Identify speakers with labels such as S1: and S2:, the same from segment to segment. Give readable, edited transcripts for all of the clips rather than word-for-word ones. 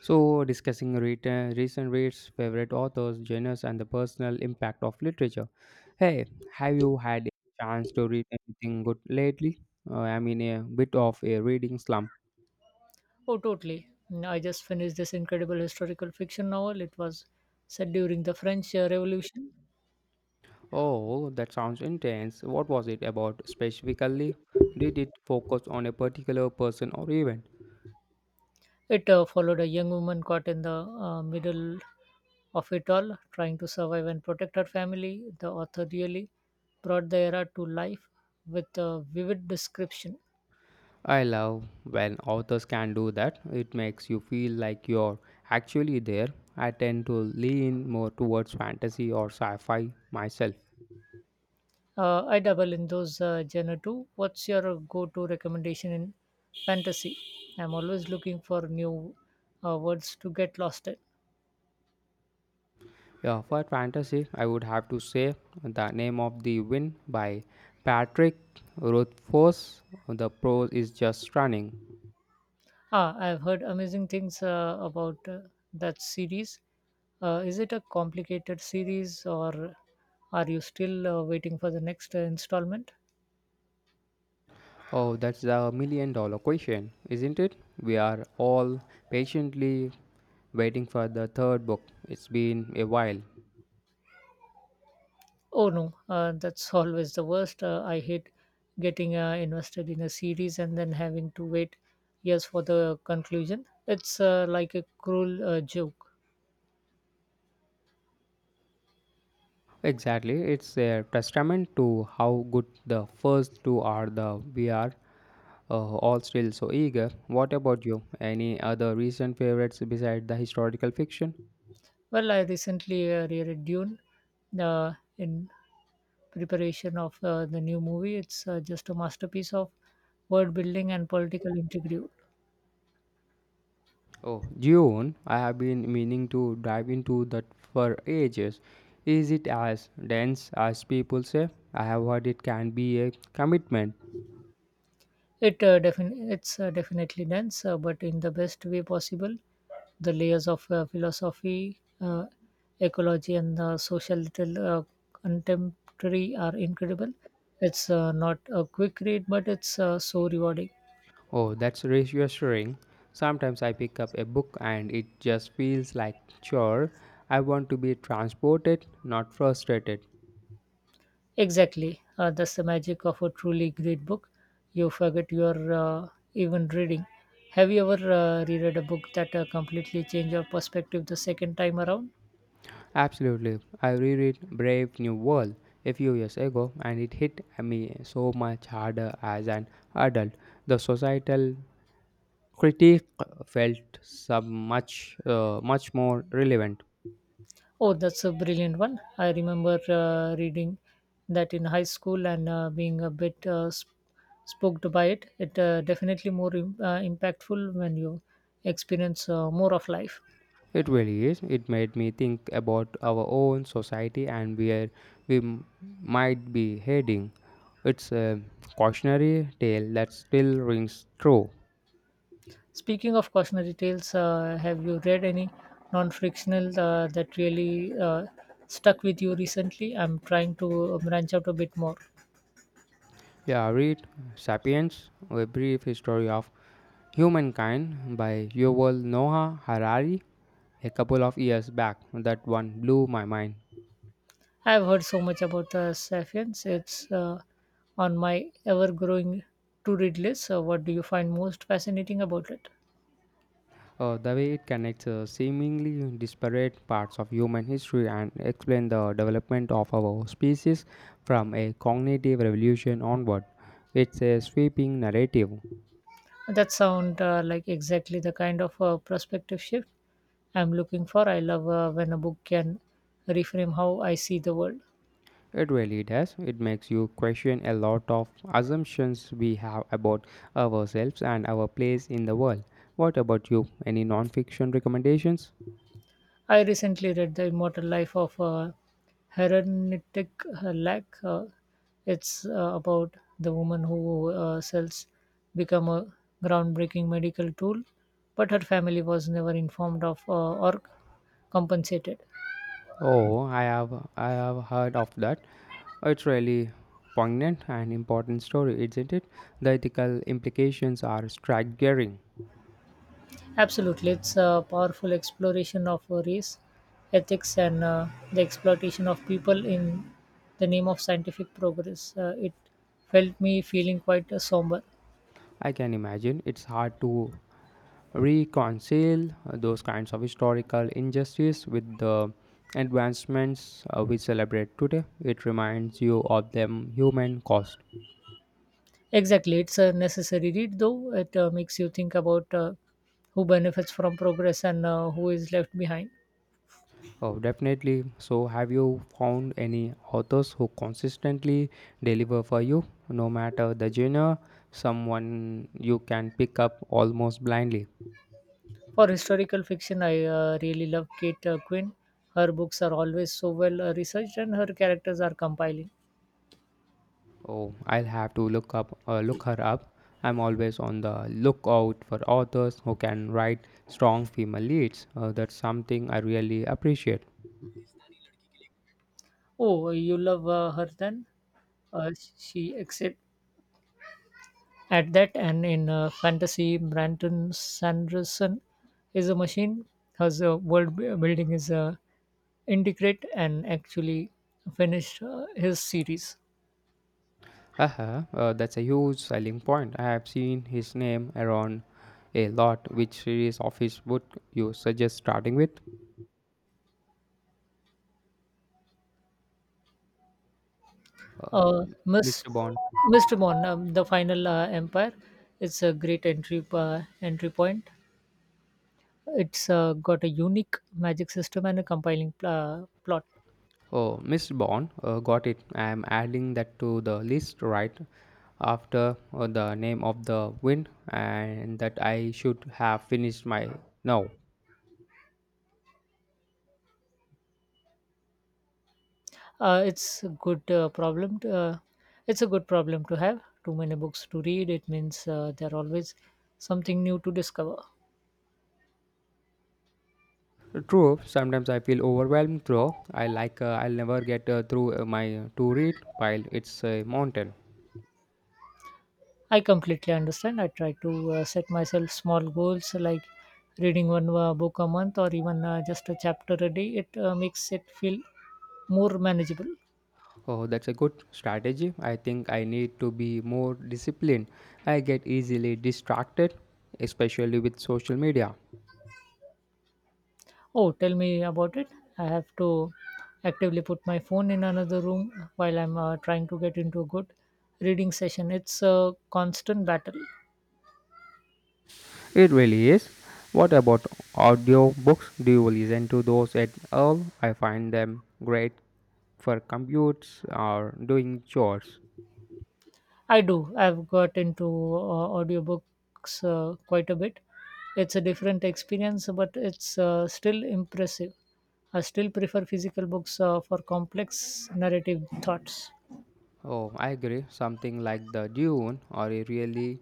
S1: So, discussing recent reads, favorite authors, genres, and the personal impact of literature. Hey, have you had a chance to read anything good lately? I'm in a bit of a reading slump.
S2: Oh, totally. Mm, I just finished this incredible historical fiction novel. It was set during the French Revolution.
S1: Oh, that sounds intense. What was it about specifically? Did it focus on a particular person or event?
S2: It followed a young woman caught in the middle of it all, trying to survive and protect her family. The author really brought the era to life with a vivid description.
S1: I love when authors can do that. It makes you feel like you're actually there. I tend to lean more towards fantasy or sci fi myself.
S2: I double in those genre too. What's your go to recommendation in fantasy? I'm always looking for new words to get lost in.
S1: Yeah, for fantasy, I would have to say The Name of the Wind by Patrick Rothfuss. The prose is just stunning.
S2: Ah, I've heard amazing things about that series. Is it a complicated series, or are you still waiting for the next installment?
S1: Oh, that's the million dollar question, isn't it? We are all patiently waiting for the third book. It's been a while.
S2: Oh no, that's always the worst. I hate getting invested in a series and then having to wait years for the conclusion. It's like a cruel joke.
S1: Exactly, it's a testament to how good the first two are. The we are all still so eager. What about you? Any other recent favorites besides the historical fiction?
S2: Well, I recently reread Dune in preparation of the new movie. It's just a masterpiece of world building and political intrigue.
S1: Oh, June, I have been meaning to dive into that for ages. Is it as dense as people say? I have heard it can be a commitment.
S2: It's definitely dense, but in the best way possible. The layers of philosophy, ecology, and the social little contemporary are incredible. It's not a quick read, but it's so rewarding.
S1: Oh, that's reassuring. Sometimes I pick up a book and it just feels like chore. I want to be transported, not frustrated.
S2: Exactly. That's the magic of a truly great book. You forget you're even reading. Have you ever reread a book that completely changed your perspective the second time around?
S1: Absolutely. I reread Brave New World a few years ago and it hit me so much harder as an adult. The societal critique felt some much much more relevant.
S2: Oh, that's a brilliant one. I remember reading that in high school and being a bit spooked by it. It definitely more impactful when you experience more of life.
S1: It really is. It made me think about our own society and where we m- might be heading. It's a cautionary tale that still rings true.
S2: Speaking of cautionary tales, have you read any non-fictional that really stuck with you recently? I'm trying to branch out a bit more.
S1: Yeah, read Sapiens, A Brief History of Humankind by Yuval Noah Harari a couple of years back. That one blew my mind.
S2: I've heard so much about the Sapiens. It's on my ever-growing to-read list. So what do you find most fascinating about it?
S1: The way it connects seemingly disparate parts of human history and explain the development of our species from a cognitive revolution onward. It's a sweeping narrative.
S2: That sound like exactly the kind of perspective shift I'm looking for. I love when a book can reframe how I see the world.
S1: It really does. It makes you question a lot of assumptions we have about ourselves and our place in the world. What about you? Any non-fiction recommendations?
S2: I recently read The Immortal Life of Herenetic Lack. It's about the woman who sells become a groundbreaking medical tool, but her family was never informed of or compensated.
S1: Oh, I have heard of that. It's really poignant and important story, isn't it? The ethical implications are staggering.
S2: Absolutely, it's a powerful exploration of race, ethics, and the exploitation of people in the name of scientific progress. It felt me feeling quite somber.
S1: I can imagine it's hard to reconcile those kinds of historical injustice with the advancements we celebrate today. It reminds you of them human cost.
S2: Exactly, it's a necessary read though. It makes you think about who benefits from progress and who is left behind.
S1: Oh, definitely. So, have you found any authors who consistently deliver for you, no matter the genre? Someone you can pick up almost blindly.
S2: For historical fiction, I really love Kate Quinn. Her books are always so well researched and her characters are compelling.
S1: Oh, I'll have to look her up. I'm always on the lookout for authors who can write strong female leads. That's something I really appreciate.
S2: Oh, you love her then? Uh, she excelled at that. And in fantasy, Brandon Sanderson is a machine. Her world building is intricate and actually finished his series.
S1: That's a huge selling point. I have seen his name around a lot. Which series of his book you suggest starting with?
S2: Uh, Miss,
S1: Mr. Bond.
S2: Mr. Mon, the final empire. It's a great entry point. It's got a unique magic system and a compiling plot.
S1: Oh, Mr. Bond, got it. I'm adding that to the list right after the name of the wind, and that I should have finished my now.
S2: Uh, it's a good uh, problem. To, uh, it's a good problem to have. Too many books to read. It means there are always something new to discover.
S1: True, sometimes I feel overwhelmed though. I like I'll never get through my to read pile. It's a mountain.
S2: I completely understand. I try to set myself small goals like reading one book a month or even just a chapter a day. It makes it feel more manageable.
S1: Oh, that's a good strategy. I think I need to be more disciplined. I get easily distracted, especially with social media.
S2: Oh, tell me about it. I have to actively put my phone in another room while I'm trying to get into a good reading session. It's a constant battle.
S1: It really is. What about audiobooks? Do you listen to those at all? I find them great for commutes or doing chores.
S2: I do. I've got into audiobooks quite a bit. It's a different experience, but it's still impressive. I still prefer physical books for complex narrative thoughts.
S1: Oh, I agree. Something like the Dune or a really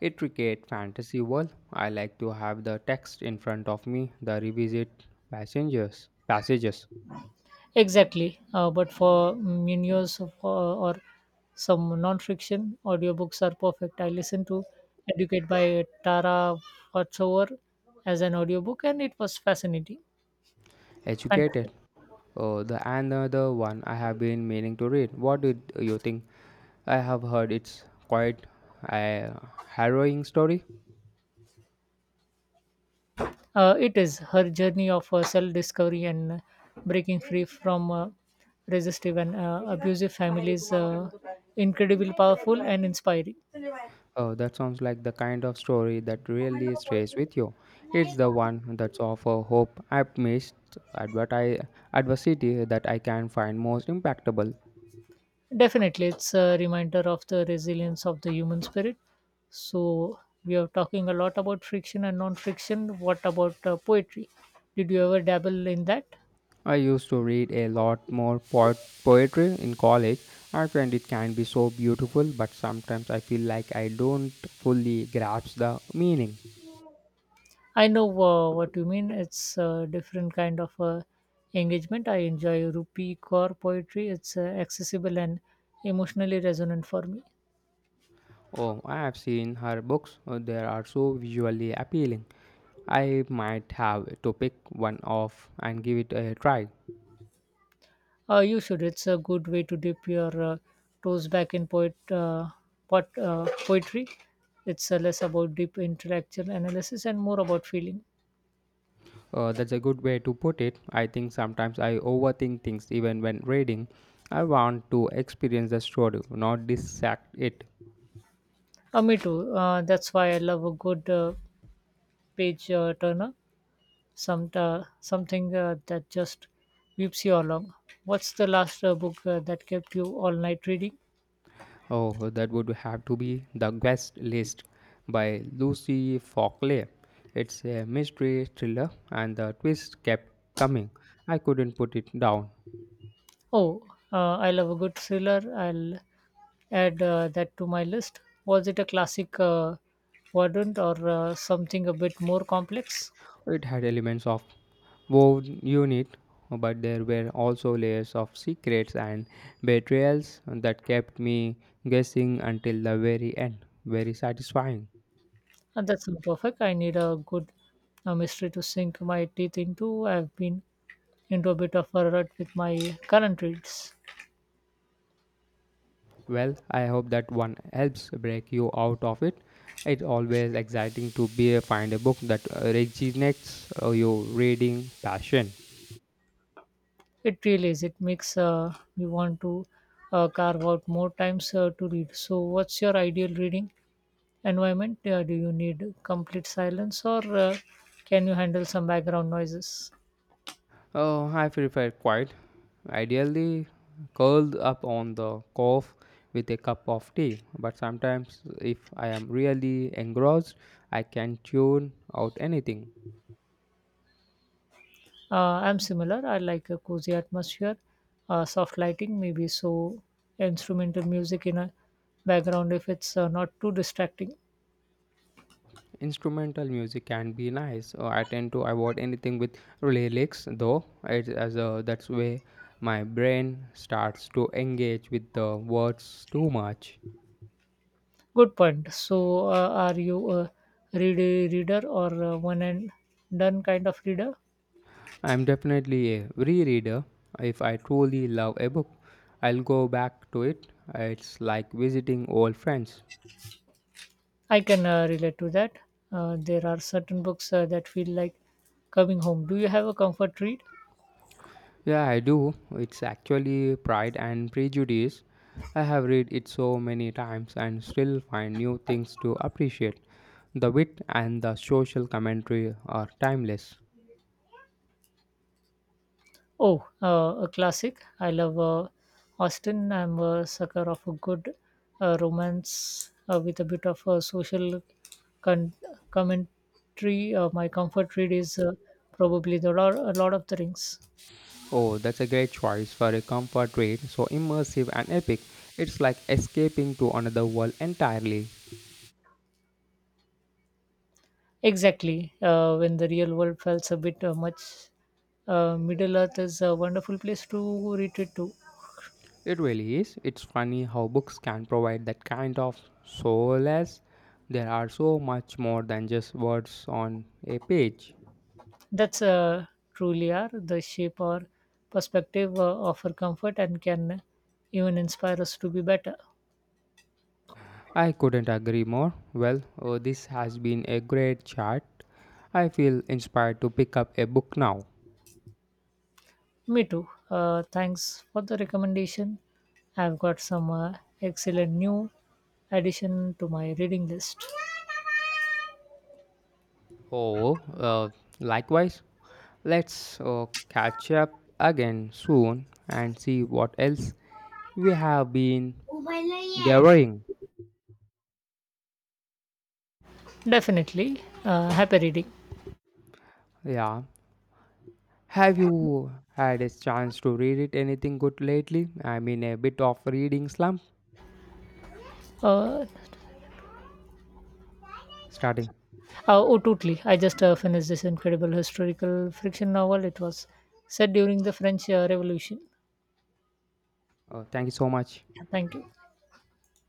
S1: intricate fantasy world. I like to have the text in front of me, the revisit passengers passages.
S2: Exactly. But for Munoz or some non-fiction audiobooks are perfect. I listen to Educate by Tara Westover as an audiobook and it was fascinating.
S1: Educated.
S2: Fantastic.
S1: Oh, the another one I have been meaning to read. What did you think? I have heard it's quite a harrowing story.
S2: It is her journey of self-discovery and breaking free from resistive and abusive families incredibly powerful and inspiring.
S1: Oh, that sounds like the kind of story that really stays with you. It's the one that's of a hope I've missed adverti- adversity that I can find most impactable.
S2: Definitely, it's a reminder of the resilience of the human spirit. So, we are talking a lot about friction and non friction. What about poetry? Did you ever dabble in that?
S1: I used to read a lot more poetry in college. I find it can be so beautiful, but sometimes I feel like I don't fully grasp the meaning.
S2: I know what you mean. It's a different kind of engagement. I enjoy Rupi Kaur poetry, it's accessible and emotionally resonant for me.
S1: Oh, I have seen her books. They are so visually appealing. I might have to pick one off and give it a try.
S2: You should. It's a good way to dip your toes back in poetry. It's less about deep intellectual analysis and more about feeling.
S1: That's a good way to put it. I think sometimes I overthink things even when reading. I want to experience the story, not dissect it.
S2: Me too. That's why I love a good page turner. Something that just whips you along. What's the last book that kept you all night reading?
S1: Oh, that would have to be The Guest List by Lucy Fockley. It's a mystery thriller, and the twist kept coming. I couldn't put it down.
S2: Oh, I love a good thriller. I'll add that to my list. Was it a classic verdant or something a bit more complex?
S1: It had elements of woven unit, but there were also layers of secrets and betrayals that kept me guessing until the very end. Very satisfying.
S2: And that's not perfect. I need a good mystery to sink my teeth into. I've been into a bit of a rut with my current reads.
S1: Well, I hope that one helps break you out of it. It's always exciting to be find a book that resonates your reading passion.
S2: It really is. It makes me want to carve out more times to read. So, what's your ideal reading environment, do you need complete silence or can you handle some background noises?
S1: Oh, I prefer quiet. Ideally, curled up on the couch with a cup of tea. But sometimes, if I am really engrossed, I can tune out anything.
S2: Uh, I'm similar. I like a cozy atmosphere, soft lighting, maybe so instrumental music in a background if it's not too distracting.
S1: Instrumental music can be nice. I tend to avoid anything with lyrics, though. It, as a, that's way my brain starts to engage with the words too much.
S2: Good point. So, are you a read reader or one and done kind of reader?
S1: I'm definitely a rereader. If I truly love a book, I'll go back to it. It's like visiting old friends.
S2: I can relate to that. There are certain books that feel like coming home. Do you have a comfort read?
S1: Yeah, I do. It's actually Pride and Prejudice. I have read it so many times and still find new things to appreciate. The wit and the social commentary are timeless.
S2: Oh, a classic. I love Austin. I'm a sucker of a good romance with a bit of social con- commentary. My comfort read is probably the Lord, a lot of the rings.
S1: Oh, that's a great choice for a comfort read, so immersive and epic. It's like escaping to another world entirely.
S2: Exactly. When the real world felt a bit much, Middle Earth is a wonderful place to retreat to.
S1: It really is. It's funny how books can provide that kind of solace. There are so much more than just words on a page.
S2: That's truly are the shape or perspective offer comfort and can even inspire us to be better.
S1: I couldn't agree more. Well, this has been a great chat. I feel inspired to pick up a book now.
S2: Me too. Thanks for the recommendation. I've got some excellent new addition to my reading list.
S1: Oh, likewise. Let's catch up again soon and see what else we have been devouring.
S2: Definitely. Happy reading.
S1: Yeah, have you had a chance to read it anything good lately? I'm in a bit of reading slump
S2: Uh, uh,
S1: starting.
S2: oh, totally. I just finished this incredible historical fiction novel. It was set during the French Revolution.
S1: Thank you so much.
S2: Thank you.